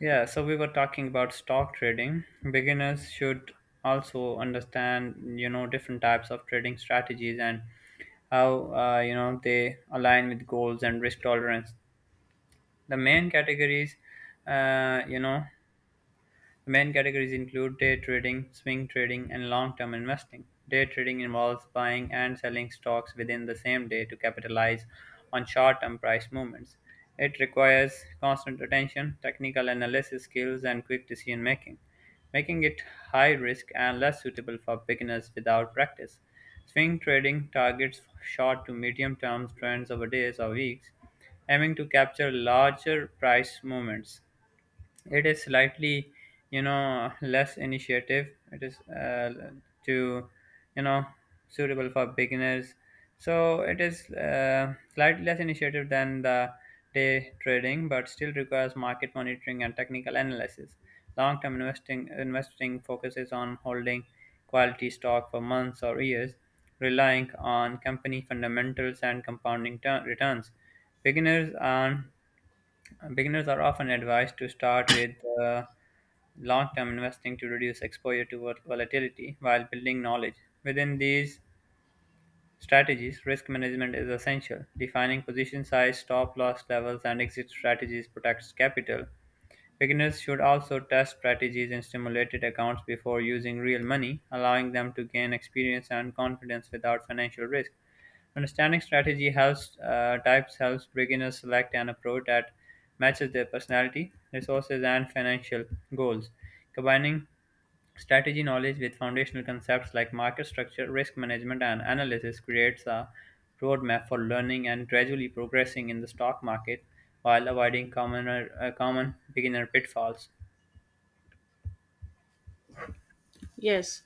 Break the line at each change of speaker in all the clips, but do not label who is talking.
Yeah, so we were talking about stock trading. Beginners should also understand, different types of trading strategies and how, they align with goals and risk tolerance. The main categories, you know, the main categories include day trading, swing trading, and long-term investing. Day trading involves buying and selling stocks within the same day to capitalize on short-term price movements. It requires constant attention, technical analysis skills, and quick decision making, making it high risk and less suitable for beginners without practice. Swing trading targets short to medium term trends over days or weeks, aiming to capture larger price movements. It is slightly, less initiative. It is to you know Suitable for beginners. So it is, slightly less initiative than the day trading, but still requires market monitoring and technical analysis. Long term investing focuses on holding quality stock for months or years, relying on company fundamentals and compounding returns. beginners are Beginners are often advised to start with uh, long term investing to reduce exposure to volatility while building knowledge. Within these strategies, risk management is essential. Defining position size, stop loss levels, and exit strategies protects capital. Beginners should also test strategies in simulated accounts before using real money, allowing them to gain experience and confidence without financial risk. Understanding strategy helps, types helps beginners select an approach that matches their personality, resources, and financial goals. Combining strategy knowledge with foundational concepts like market structure, risk management, and analysis creates a roadmap for learning and gradually progressing in the stock market while avoiding common beginner pitfalls.
Yes,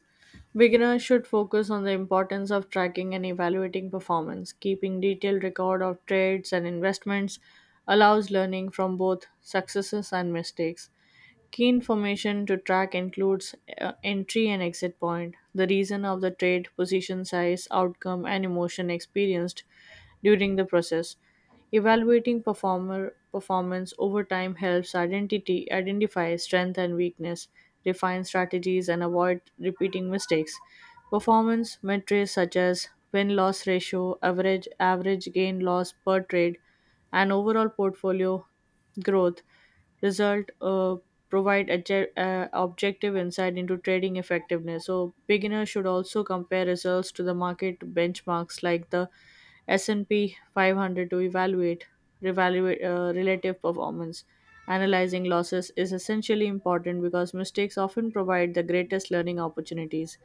beginners should focus on the importance of tracking and evaluating performance. Keeping detailed record of trades and investments allows learning from both successes and mistakes. Key information to track includes entry and exit point, the reason of the trade, position size, outcome, and emotion experienced during the process. Evaluating performer performance over time helps identity identify strength and weakness, refine strategies, and avoid repeating mistakes. Performance metrics such as win-loss ratio, average gain-loss per trade, and overall portfolio growth result provide objective insight into trading effectiveness. So beginners should also compare results to the market benchmarks like the S&P 500 to evaluate revaluate relative performance. Analyzing losses is essentially important because mistakes often provide the greatest learning opportunities.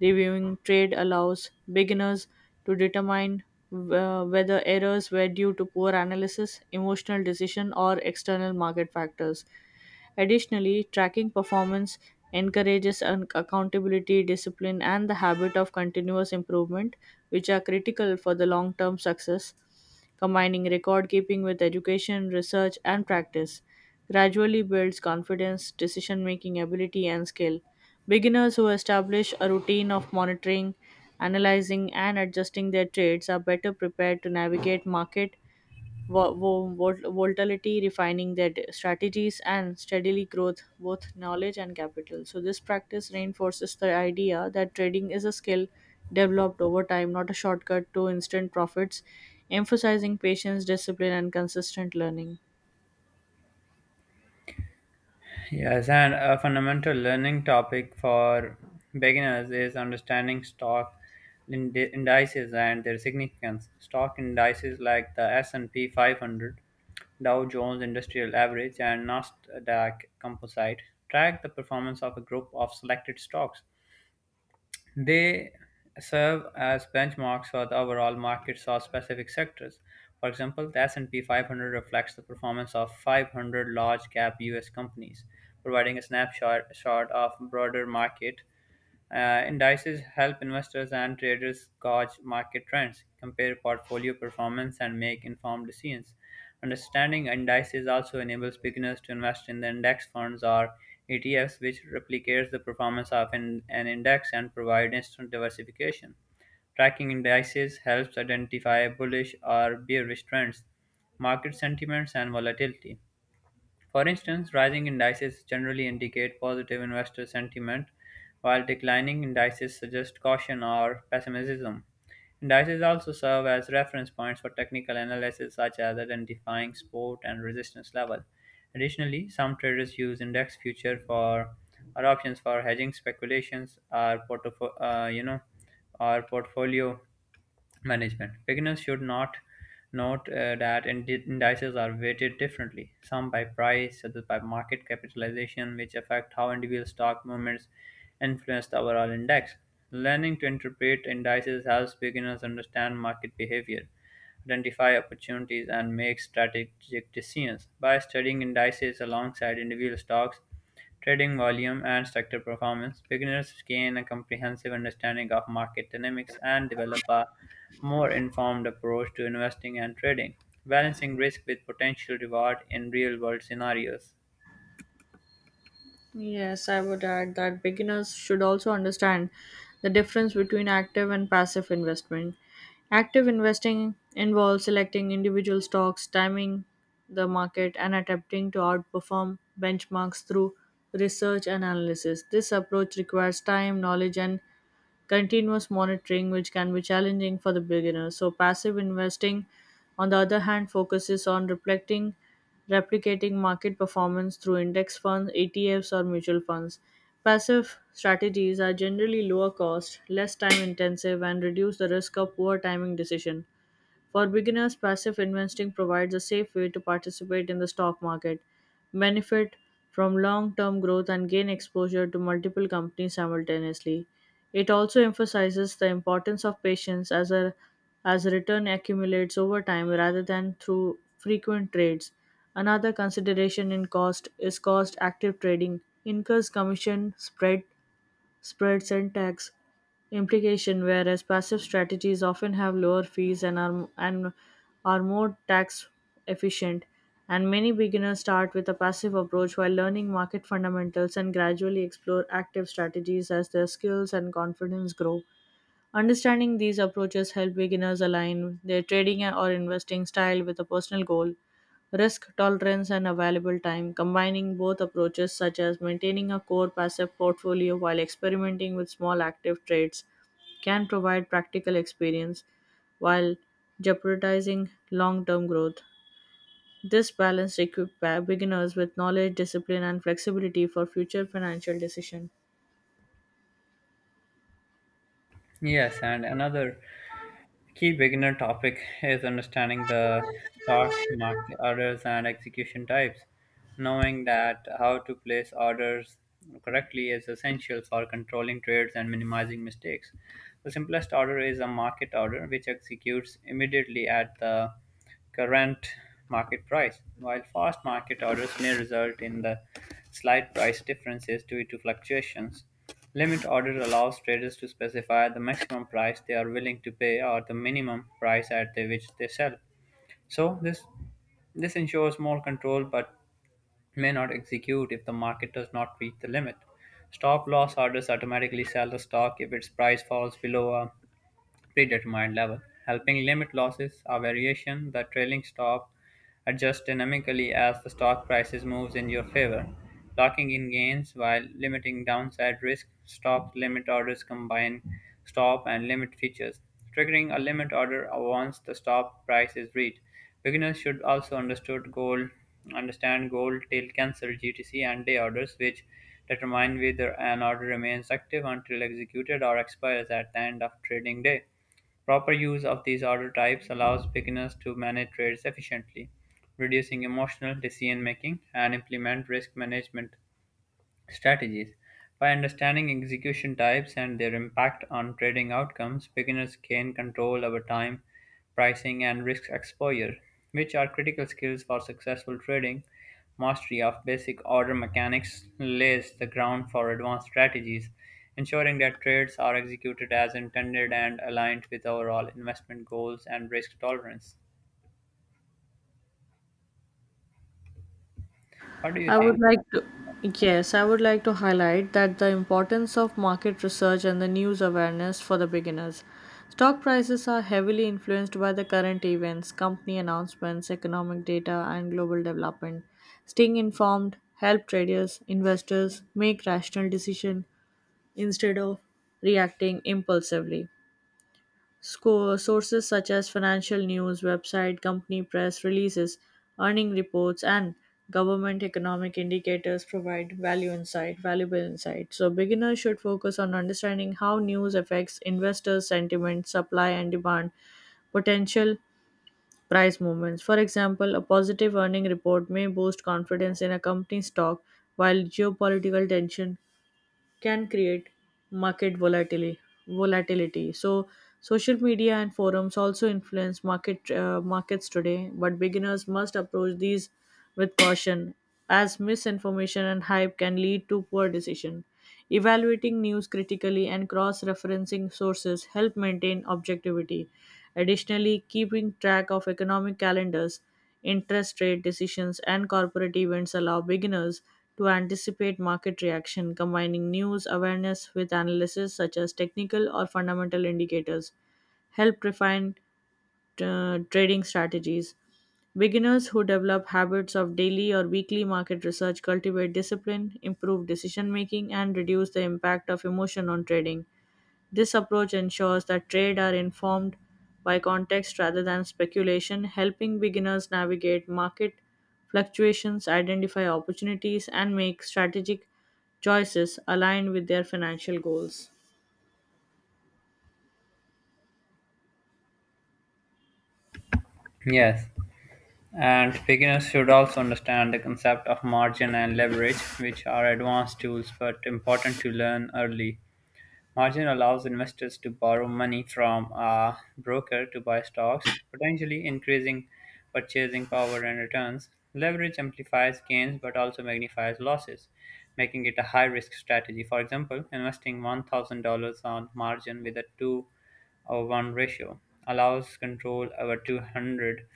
Reviewing trade allows beginners to determine whether errors were due to poor analysis, emotional decision, or external market factors. Additionally, tracking performance encourages an accountability, discipline, and the habit of continuous improvement, which are critical for the long term success. Combining record keeping with education, research, and practice gradually builds confidence, decision making ability, and skill. Beginners who establish a routine of monitoring analyzing and adjusting their trades are better prepared to navigate market volatility, refining their strategies and steadily growth both knowledge and capital. So this practice reinforces the idea that trading is a skill developed over time, not a shortcut to instant profits, emphasizing patience, discipline, and consistent learning.
Yes, and a fundamental learning topic for beginners is understanding stock indices and their significance. Stock indices like the S&P 500, Dow Jones Industrial Average, and Nasdaq Composite track the performance of a group of selected stocks. They serve as benchmarks for the overall markets or specific sectors. For example, the S&P 500 reflects the performance of 500 large-cap U.S. companies, providing a snapshot shot of broader market. Indices help investors and traders gauge market trends, compare portfolio performance, and make informed decisions. Understanding indices also enables beginners to invest in the index funds or ETFs, which replicates the performance of an index and provide instant diversification. Tracking indices helps identify bullish or bearish trends, market sentiments, and volatility. For instance, rising indices generally indicate positive investor sentiment, while declining indices suggest caution or pessimism. Indices also serve as reference points for technical analysis, such as identifying support and resistance level. Additionally, some traders use index future for or options for hedging speculations or or portfolio management. Beginners should not note, that indices are weighted differently, some by price, others by market capitalization, which affect how individual stock movements influence the overall index. Learning to interpret indices helps beginners understand market behavior, identify opportunities, and make strategic decisions. By studying indices alongside individual stocks, trading volume and sector performance, beginners gain a comprehensive understanding of market dynamics and develop a more informed approach to investing and trading, balancing risk with potential reward in real world scenarios.
Yes, I would add that beginners should also understand the difference between active and passive investment. Active investing involves selecting individual stocks, timing the market, and attempting to outperform benchmarks through research and analysis. This approach requires time, knowledge, and continuous monitoring, which can be challenging for the beginner. So, passive investing, on the other hand, focuses on replicating market performance through index funds, ETFs, or mutual funds. Passive strategies are generally lower cost, less time intensive, and reduce the risk of poor timing decision. For beginners, passive investing provides a safe way to participate in the stock market, benefit from long term growth, and gain exposure to multiple companies simultaneously. It also emphasizes the importance of patience, as return accumulates over time rather than through frequent trades. Another consideration in cost is cost. Active trading incurs commission, spread, tax implication, whereas passive strategies often have lower fees, and are more tax efficient. And many beginners start with a passive approach while learning market fundamentals and gradually explore active strategies as their skills and confidence grow. Understanding these approaches help beginners align their trading or investing style with a personal goal, risk tolerance, and available time. Combining both approaches, such as maintaining a core passive portfolio while experimenting with small active trades, can provide practical experience while jeopardizing long term growth. This balance equips beginners with knowledge, discipline, and flexibility for future financial decisions.
Yes, and another key beginner topic is understanding the stock market orders and execution types. Knowing that how to place orders correctly is essential for controlling trades and minimizing mistakes. The simplest order is a market order, which executes immediately at the current market price, while fast market orders may result in the slight price differences due to fluctuations. Limit order allows traders to specify the maximum price they are willing to pay or the minimum price at the which they sell. So this ensures more control, but may not execute if the market does not reach the limit. Stop loss orders automatically sell the stock if its price falls below a predetermined level, helping limit losses or variation. The trailing stop adjusts dynamically as the stock prices moves in your favor, locking in gains while limiting downside risk. Stop limit orders combine stop and limit features, triggering a limit order once the stop price is reached. Beginners should also understand goal till cancel, GTC, and day orders, which determine whether an order remains active until executed or expires at the end of trading day. Proper use of these order types allows beginners to manage trades efficiently, reducing emotional decision making and implement risk management strategies. By understanding execution types and their impact on trading outcomes, beginners gain control over time, pricing, and risk exposure, which are critical skills for successful trading. Mastery of basic order mechanics lays the ground for advanced strategies, ensuring that trades are executed as intended and aligned with overall investment goals and risk tolerance. What do you
I would
think?
like to, yes, I would like to highlight that the importance of market research and the news awareness for the beginners. Stock prices are heavily influenced by the current events, company announcements, economic data, and global development. Staying informed help traders, investors make rational decision instead of reacting impulsively. Sources such as financial news, website, company press releases, earning reports, and government economic indicators provide valuable insight. So beginners should focus on understanding how news affects investors' sentiment, supply and demand, potential price movements. For example, a positive earning report may boost confidence in a company's stock, while geopolitical tension can create market volatility. So social media and forums also influence markets today, but beginners must approach these with caution, as misinformation and hype can lead to poor decision. Evaluating news critically and cross referencing sources help maintain objectivity. Additionally, keeping track of economic calendars, interest rate decisions, and corporate events allow beginners to anticipate market reaction. Combining news awareness with analysis such as technical or fundamental indicators, help refine trading strategies. Beginners who develop habits of daily or weekly market research cultivate discipline, improve decision making, and reduce the impact of emotion on trading. This approach ensures that trade are informed by context rather than speculation, helping beginners navigate market fluctuations, identify opportunities, and make strategic choices aligned with their financial goals.
Yes. And beginners should also understand the concept of margin and leverage, which are advanced tools but important to learn early. Margin allows investors to borrow money from a broker to buy stocks, potentially increasing purchasing power and returns. Leverage amplifies gains but also magnifies losses, making it a high risk strategy. For example, investing $1,000 on margin with a two over one ratio allows control over 200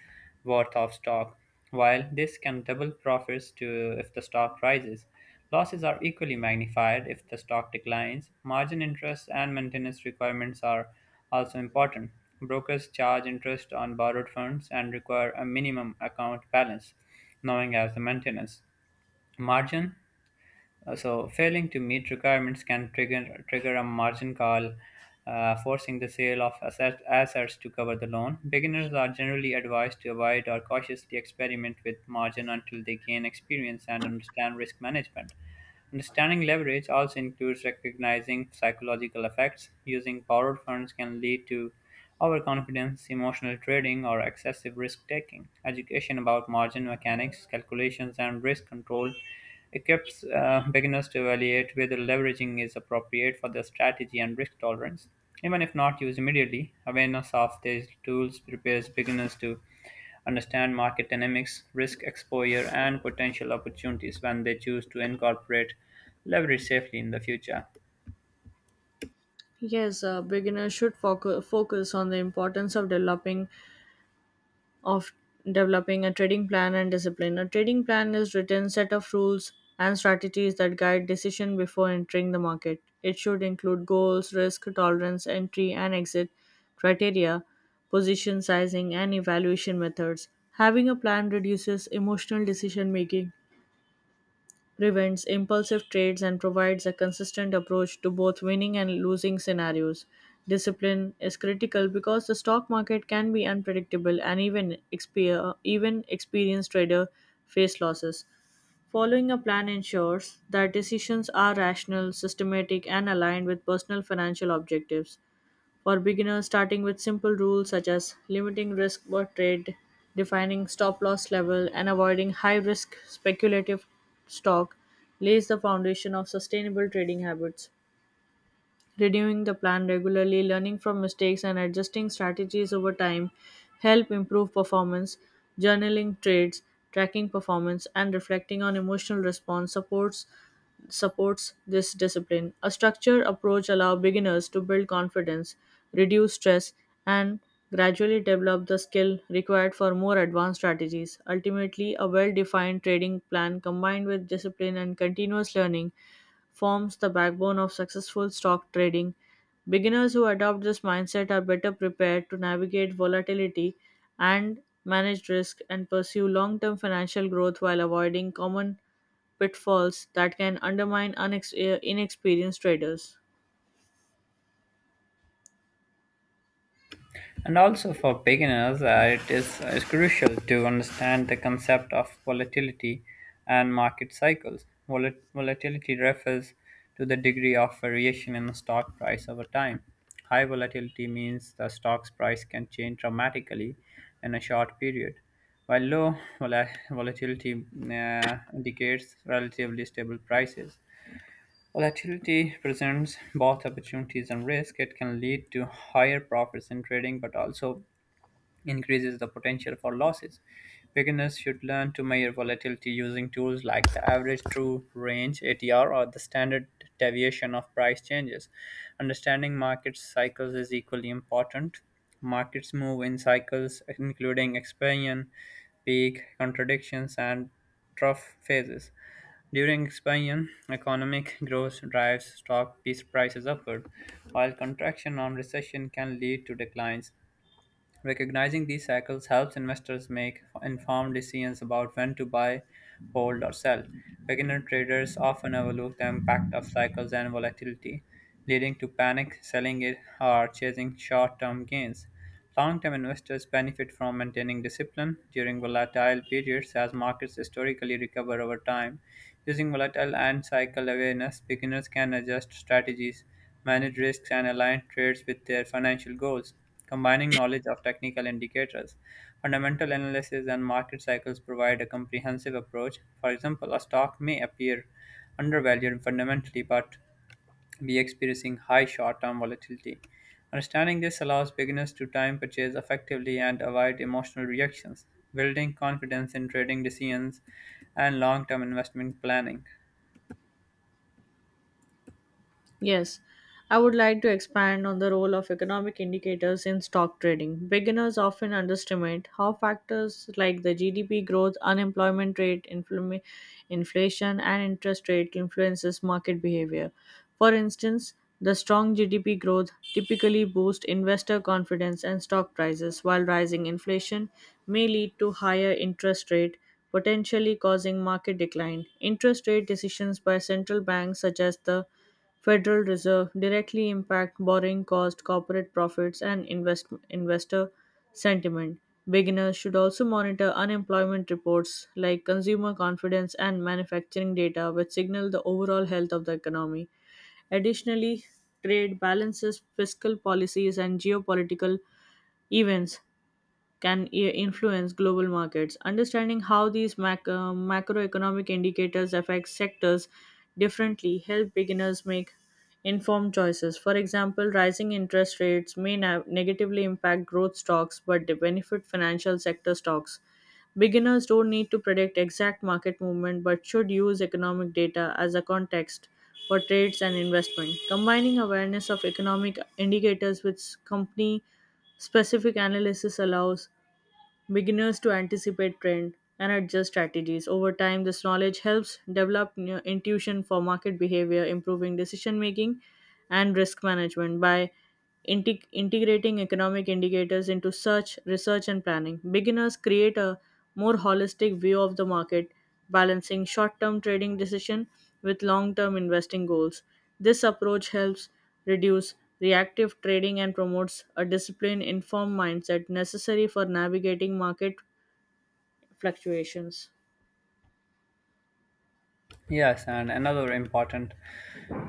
worth of stock. While this can double profits to if the stock rises, losses are equally magnified if the stock declines. Margin interest and maintenance requirements are also important. Brokers charge interest on borrowed funds and require a minimum account balance, known as the maintenance margin. So failing to meet requirements can trigger a margin call, forcing the sale of assets to cover the loan. Beginners are generally advised to avoid or cautiously experiment with margin until they gain experience and understand risk management. Understanding leverage also includes recognizing psychological effects. Using borrowed funds can lead to overconfidence, emotional trading, or excessive risk taking. Education about margin mechanics, calculations, and risk control equips, beginners to evaluate whether leveraging is appropriate for their strategy and risk tolerance. Even if not used immediately, awareness of these tools prepares beginners to understand market dynamics, risk exposure, and potential opportunities when they choose to incorporate leverage safely in the future.
Yes, beginners should focus on the importance of of developing a trading plan and discipline. A trading plan is written set of rules and strategies that guide decision before entering the market. It should include goals, risk tolerance, entry and exit criteria, position sizing and evaluation methods. Having a plan reduces emotional decision making, prevents impulsive trades, and provides a consistent approach to both winning and losing scenarios. Discipline is critical because the stock market can be unpredictable, and even even experienced trader face losses. Following a plan ensures that decisions are rational, systematic, and aligned with personal financial objectives. For beginners, starting with simple rules such as limiting risk per trade, defining stop loss level, and avoiding high risk speculative stock lays the foundation of sustainable trading habits. Reviewing the plan regularly, learning from mistakes, and adjusting strategies over time help improve performance. Journaling trades, tracking performance, and reflecting on emotional response supports this discipline. A structured approach allows beginners to build confidence, reduce stress, and gradually develop the skill required for more advanced strategies. Ultimately, a well defined trading plan combined with discipline and continuous learning forms the backbone of successful stock trading. Beginners who adopt this mindset are better prepared to navigate volatility and manage risk and pursue long term financial growth while avoiding common pitfalls that can undermine inexperienced traders.
And also for beginners, it is crucial to understand the concept of volatility and market cycles. Volatility refers to the degree of variation in the stock price over time. High volatility means the stock's price can change dramatically in a short period, while low volatility, indicates relatively stable prices. Volatility presents both opportunities and risk. It can lead to higher profits in trading, but also increases the potential for losses. Beginners should learn to measure volatility using tools like the average true range ATR or the standard deviation of price changes. Understanding market cycles is equally important. Markets move in cycles including expansion, peak, contradictions, and trough phases. During expansion, economic growth drives stock piece prices upward, while contraction on recession can lead to declines. Recognizing these cycles helps investors make informed decisions about when to buy, hold, or sell. Beginner traders often overlook the impact of cycles and volatility, leading to panic selling it or chasing short term gains. Long term investors benefit from maintaining discipline during volatile periods as markets historically recover over time. Using volatile and cycle awareness, beginners can adjust strategies, manage risks, and align trades with their financial goals. Combining knowledge of technical indicators, fundamental analysis, and market cycles provide a comprehensive approach. For example, a stock may appear undervalued fundamentally but be experiencing high short term volatility. Understanding this allows beginners to time purchase effectively and avoid emotional reactions, building confidence in trading decisions and long term investment planning.
Yes, I would like to expand on the role of economic indicators in stock trading. Beginners often underestimate how factors like the GDP growth, unemployment rate, inflation, and interest rate influences market behavior. For instance, the strong GDP growth typically boosts investor confidence and stock prices, while rising inflation may lead to higher interest rate, potentially causing market decline. Interest rate decisions by central banks such as the Federal Reserve directly impact borrowing cost, corporate profits, and investor sentiment. Beginners should also monitor unemployment reports like consumer confidence and manufacturing data, which signal the overall health of the economy. Additionally, trade balances, fiscal policies, and geopolitical events can influence global markets. Understanding how these macroeconomic indicators affect sectors differently help beginners make informed choices. For example, rising interest rates may negatively impact growth stocks, but they benefit financial sector stocks. Beginners don't need to predict exact market movement but should use economic data as a context for trades and investment. Combining awareness of economic indicators with company specific analysis allows beginners to anticipate trend and adjust strategies over time. This knowledge helps develop intuition for market behavior, improving decision making and risk management. By integrating economic indicators into search research and planning, beginners create a more holistic view of the market, balancing short-term trading decision with long-term investing goals. This approach helps reduce reactive trading and promotes a disciplined informed mindset necessary for navigating market fluctuations.
Yes, and another important,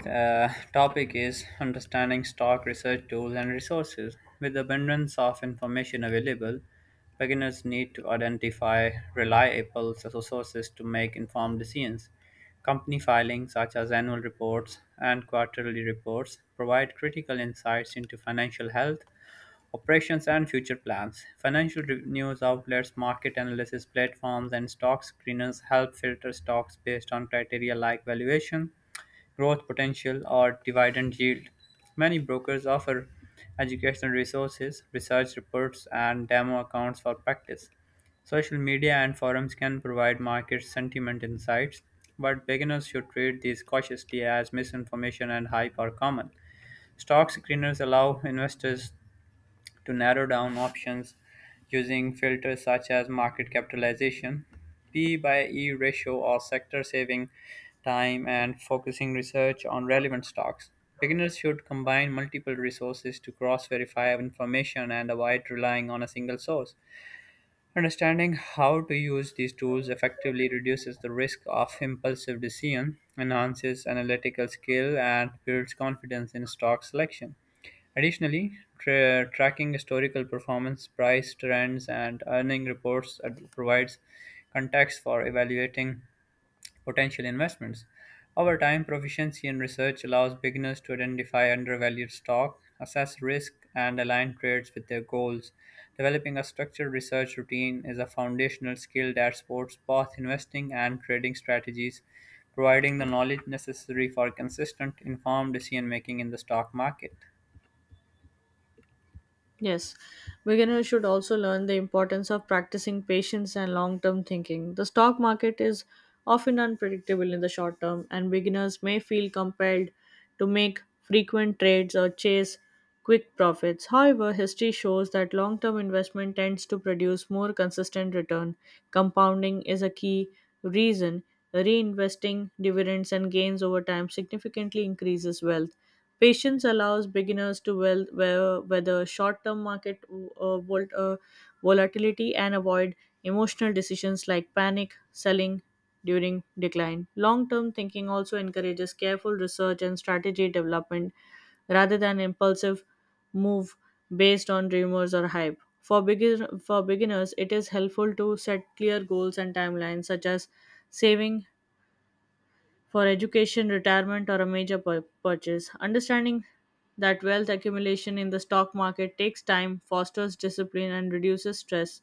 uh, topic is understanding stock research tools and resources. With abundance of information available, beginners need to identify reliable sources to make informed decisions. Company filings, such as annual reports and quarterly reports, provide critical insights into financial health, operations and future plans. Financial news outlets, market analysis platforms, and stock screeners help filter stocks based on criteria like valuation, growth potential, or dividend yield. Many brokers offer educational resources, research reports, and demo accounts for practice. Social media and forums can provide market sentiment insights, but beginners should treat these cautiously as misinformation and hype are common. Stock screeners allow investors to narrow down options using filters such as market capitalization, P by E ratio, or sector saving time and focusing research on relevant stocks. Beginners should combine multiple resources to cross verify information and avoid relying on a single source. Understanding how to use these tools effectively reduces the risk of impulsive decision, enhances analytical skill, and builds confidence in stock selection. Additionally, tracking historical performance, price trends, and earning reports provides context for evaluating potential investments. Over time, proficiency in research allows beginners to identify undervalued stock, assess risk, and align trades with their goals. Developing a structured research routine is a foundational skill that supports both investing and trading strategies, providing the knowledge necessary for consistent, informed decision making in the stock market.
Yes, beginners should also learn the importance of practicing patience and long term thinking. The stock market is often unpredictable in the short term, and beginners may feel compelled to make frequent trades or chase quick profits. However, history shows that long term investment tends to produce more consistent return. Compounding is a key reason. Reinvesting dividends and gains over time significantly increases wealth. Patience allows beginners to weather short-term market uh, vol- uh, volatility and avoid emotional decisions like panic selling during decline. Long-term thinking also encourages careful research and strategy development rather than impulsive move based on rumors or hype. For beginners, it is helpful to set clear goals and timelines such as saving for education, retirement, or a major purchase. Understanding that wealth accumulation in the stock market takes time, fosters discipline, and reduces stress.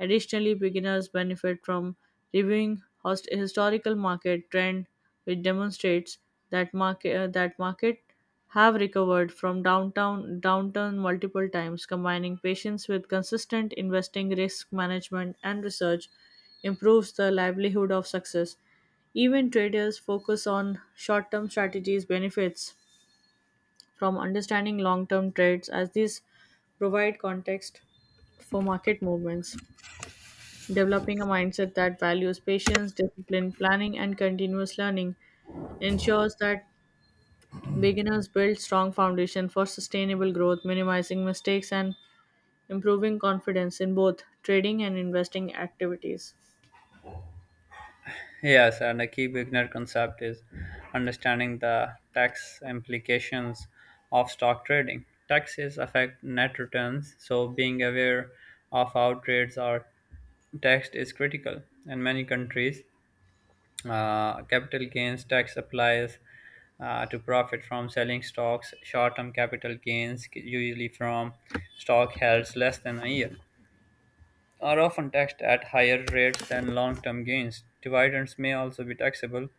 Additionally, beginners benefit from reviewing historical market trend, which demonstrates that market have recovered from downtown downturn multiple times. Combining patience with consistent investing, risk management, and research improves the livelihood of success. Even traders focus on short-term strategies benefits from understanding long-term trades, as these provide context for market movements. Developing a mindset that values patience, discipline, planning, and continuous learning ensures that beginners build strong foundation for sustainable growth, minimizing mistakes and improving confidence in both trading and investing activities.
Yes, and a key beginner concept is understanding the tax implications of stock trading. Taxes affect net returns, so being aware of how trades are taxed is critical. In many countries, capital gains tax applies to profit from selling stocks. Short term capital gains, usually from stock held less than a year, are often taxed at higher rates than long term gains. Dividends may also be taxable,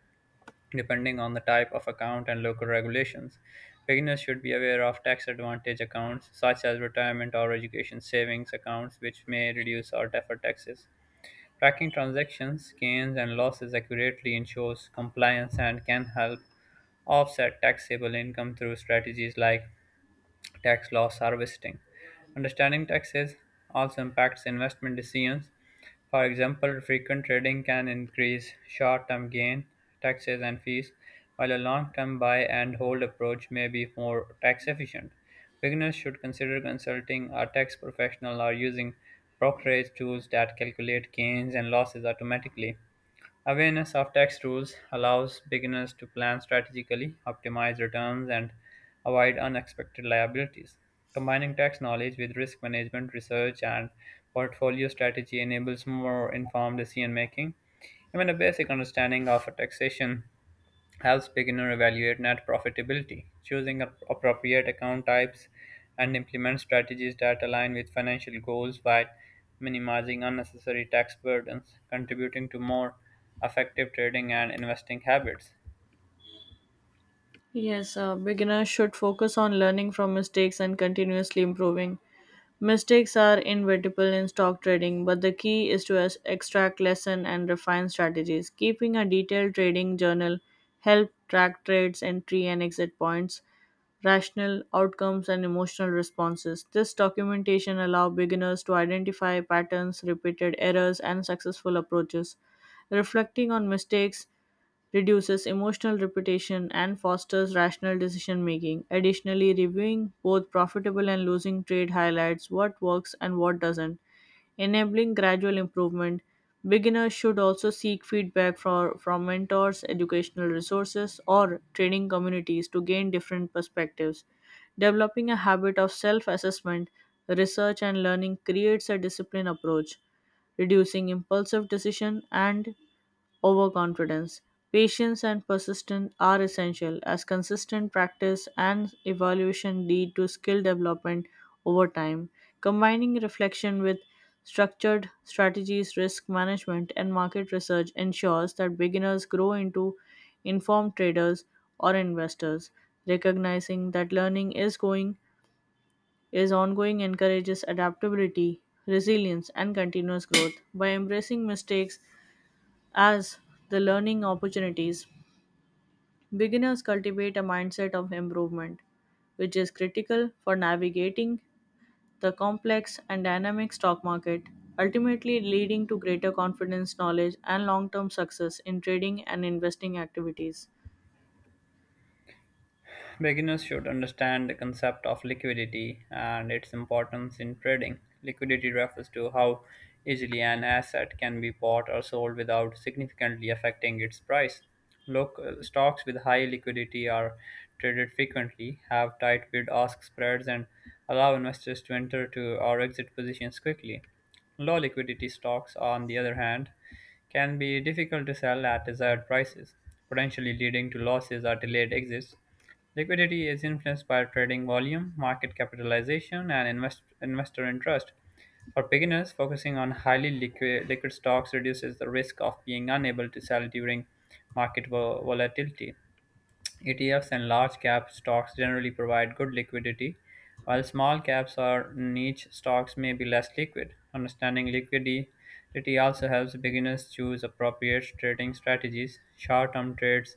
depending on the type of account and local regulations. Beginners should be aware of tax advantage accounts such as retirement or education savings accounts, which may reduce or defer taxes. Tracking transactions, gains, and losses accurately ensures compliance and can help offset taxable income through strategies like tax loss harvesting. Understanding taxes also impacts investment decisions. For example, frequent trading can increase short term gain taxes and fees, while a long term buy and hold approach may be more tax efficient. Beginners should consider consulting a tax professional or using brokerage tools that calculate gains and losses automatically. Awareness of tax rules allows beginners to plan strategically, optimize returns, and avoid unexpected liabilities. Combining tax knowledge with risk management, research, and portfolio strategy enables more informed decision making. Even a basic understanding of taxation helps beginner evaluate net profitability, choosing appropriate account types, and implement strategies that align with financial goals while minimizing unnecessary tax burdens, contributing to more effective trading and investing habits.
Yes, beginners should focus on learning from mistakes and continuously improving. Mistakes are inevitable in stock trading, but the key is to extract lesson and refine strategies. Keeping a detailed trading journal help track trades, entry and exit points, rational outcomes and emotional responses. This documentation allow beginners to identify patterns, repeated errors and successful approaches. Reflecting on mistakes reduces emotional repetition and fosters rational decision making. Additionally, reviewing both profitable and losing trade highlights what works and what doesn't, enabling gradual improvement. Beginners should also seek feedback from mentors, educational resources, or training communities to gain different perspectives. Developing a habit of self assessment, research, and learning creates a disciplined approach, reducing impulsive decision and overconfidence. Patience and persistence are essential, as consistent practice and evaluation lead to skill development over time. Combining reflection with structured strategies, risk management, and market research ensures that beginners grow into informed traders or investors. Recognizing that learning is ongoing encourages adaptability, resilience, and continuous growth. By embracing mistakes as the learning opportunities, beginners cultivate a mindset of improvement, which is critical for navigating the complex and dynamic stock market, ultimately leading to greater confidence, knowledge, and long term success in trading and investing activities.
Beginners should understand the concept of liquidity and its importance in trading. Liquidity refers to how easily an asset can be bought or sold without significantly affecting its price. Look, stocks with high liquidity are traded frequently, have tight bid-ask spreads, and allow investors to enter to or exit positions quickly. Low liquidity stocks, on the other hand, can be difficult to sell at desired prices, potentially leading to losses or delayed exits. Liquidity is influenced by trading volume, market capitalization, and investor interest. For beginners, focusing on liquid stocks reduces the risk of being unable to sell during market volatility. ETFs and large cap stocks generally provide good liquidity, while small caps or niche stocks may be less liquid. Understanding liquidity also helps beginners choose appropriate trading strategies. Short term trades,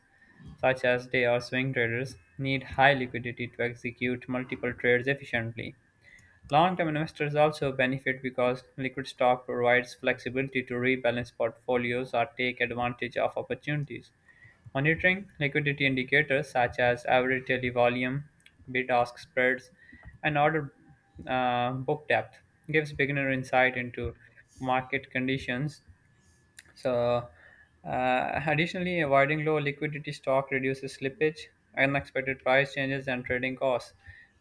such as day or swing traders, need high liquidity to execute multiple trades efficiently. Long term investors also benefit because liquid stock provides flexibility to rebalance portfolios or take advantage of opportunities. Monitoring liquidity indicators such as average daily volume, bid ask spreads, and order book depth gives beginner insight into market conditions. So, additionally, avoiding low liquidity stock reduces slippage, unexpected price changes, and trading costs.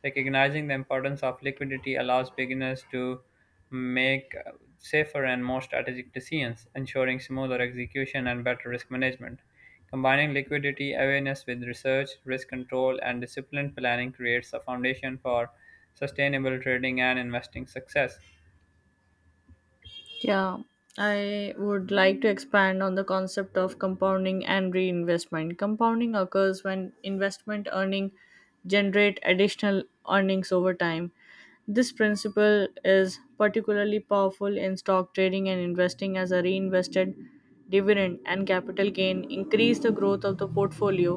Recognizing the importance of liquidity allows beginners to make safer and more strategic decisions, ensuring smoother execution and better risk management. Combining liquidity awareness with research, risk control, and disciplined planning creates a foundation for sustainable trading and investing success.
Yeah, I would like to expand on the concept of compounding and reinvestment. Compounding occurs when investment earning generate additional earnings over time. This principle is particularly powerful in stock trading and investing, as a reinvested dividend and capital gain increase the growth of the portfolio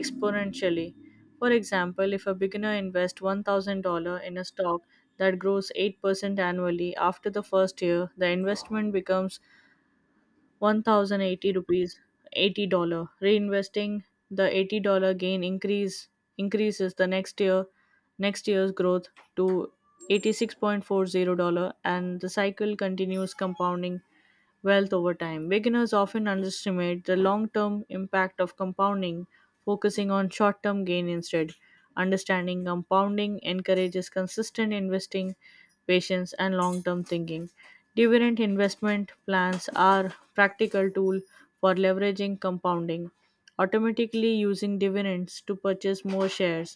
exponentially. For example, if a beginner invests $1,000 in a stock that grows 8% annually after the first year, the investment becomes 1080 rupees $80. Reinvesting the $80 gain increases the next year's growth to $86.40, and the cycle continues compounding wealth over time. Beginners often underestimate the long term impact of compounding, focusing on short term gain instead. Understanding compounding encourages consistent investing, patience, and long term thinking. Dividend investment plans are practical tool for leveraging compounding, automatically using dividends to purchase more shares.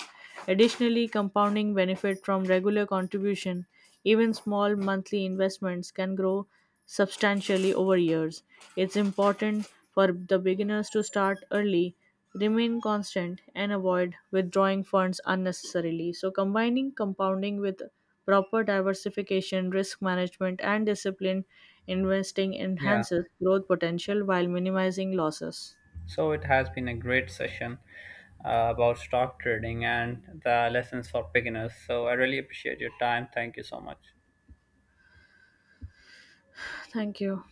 Additionally, compounding benefit from regular contribution. Even small monthly investments can grow substantially over years. It's important for the beginners to start early, remain constant, and avoid withdrawing funds unnecessarily. So, combining compounding with proper diversification, risk management, and disciplined investing
Yeah.
enhances growth potential while minimizing losses.
So it has been a great session about stock trading and the lessons for beginners. So I really appreciate your time. Thank you so much.
Thank you.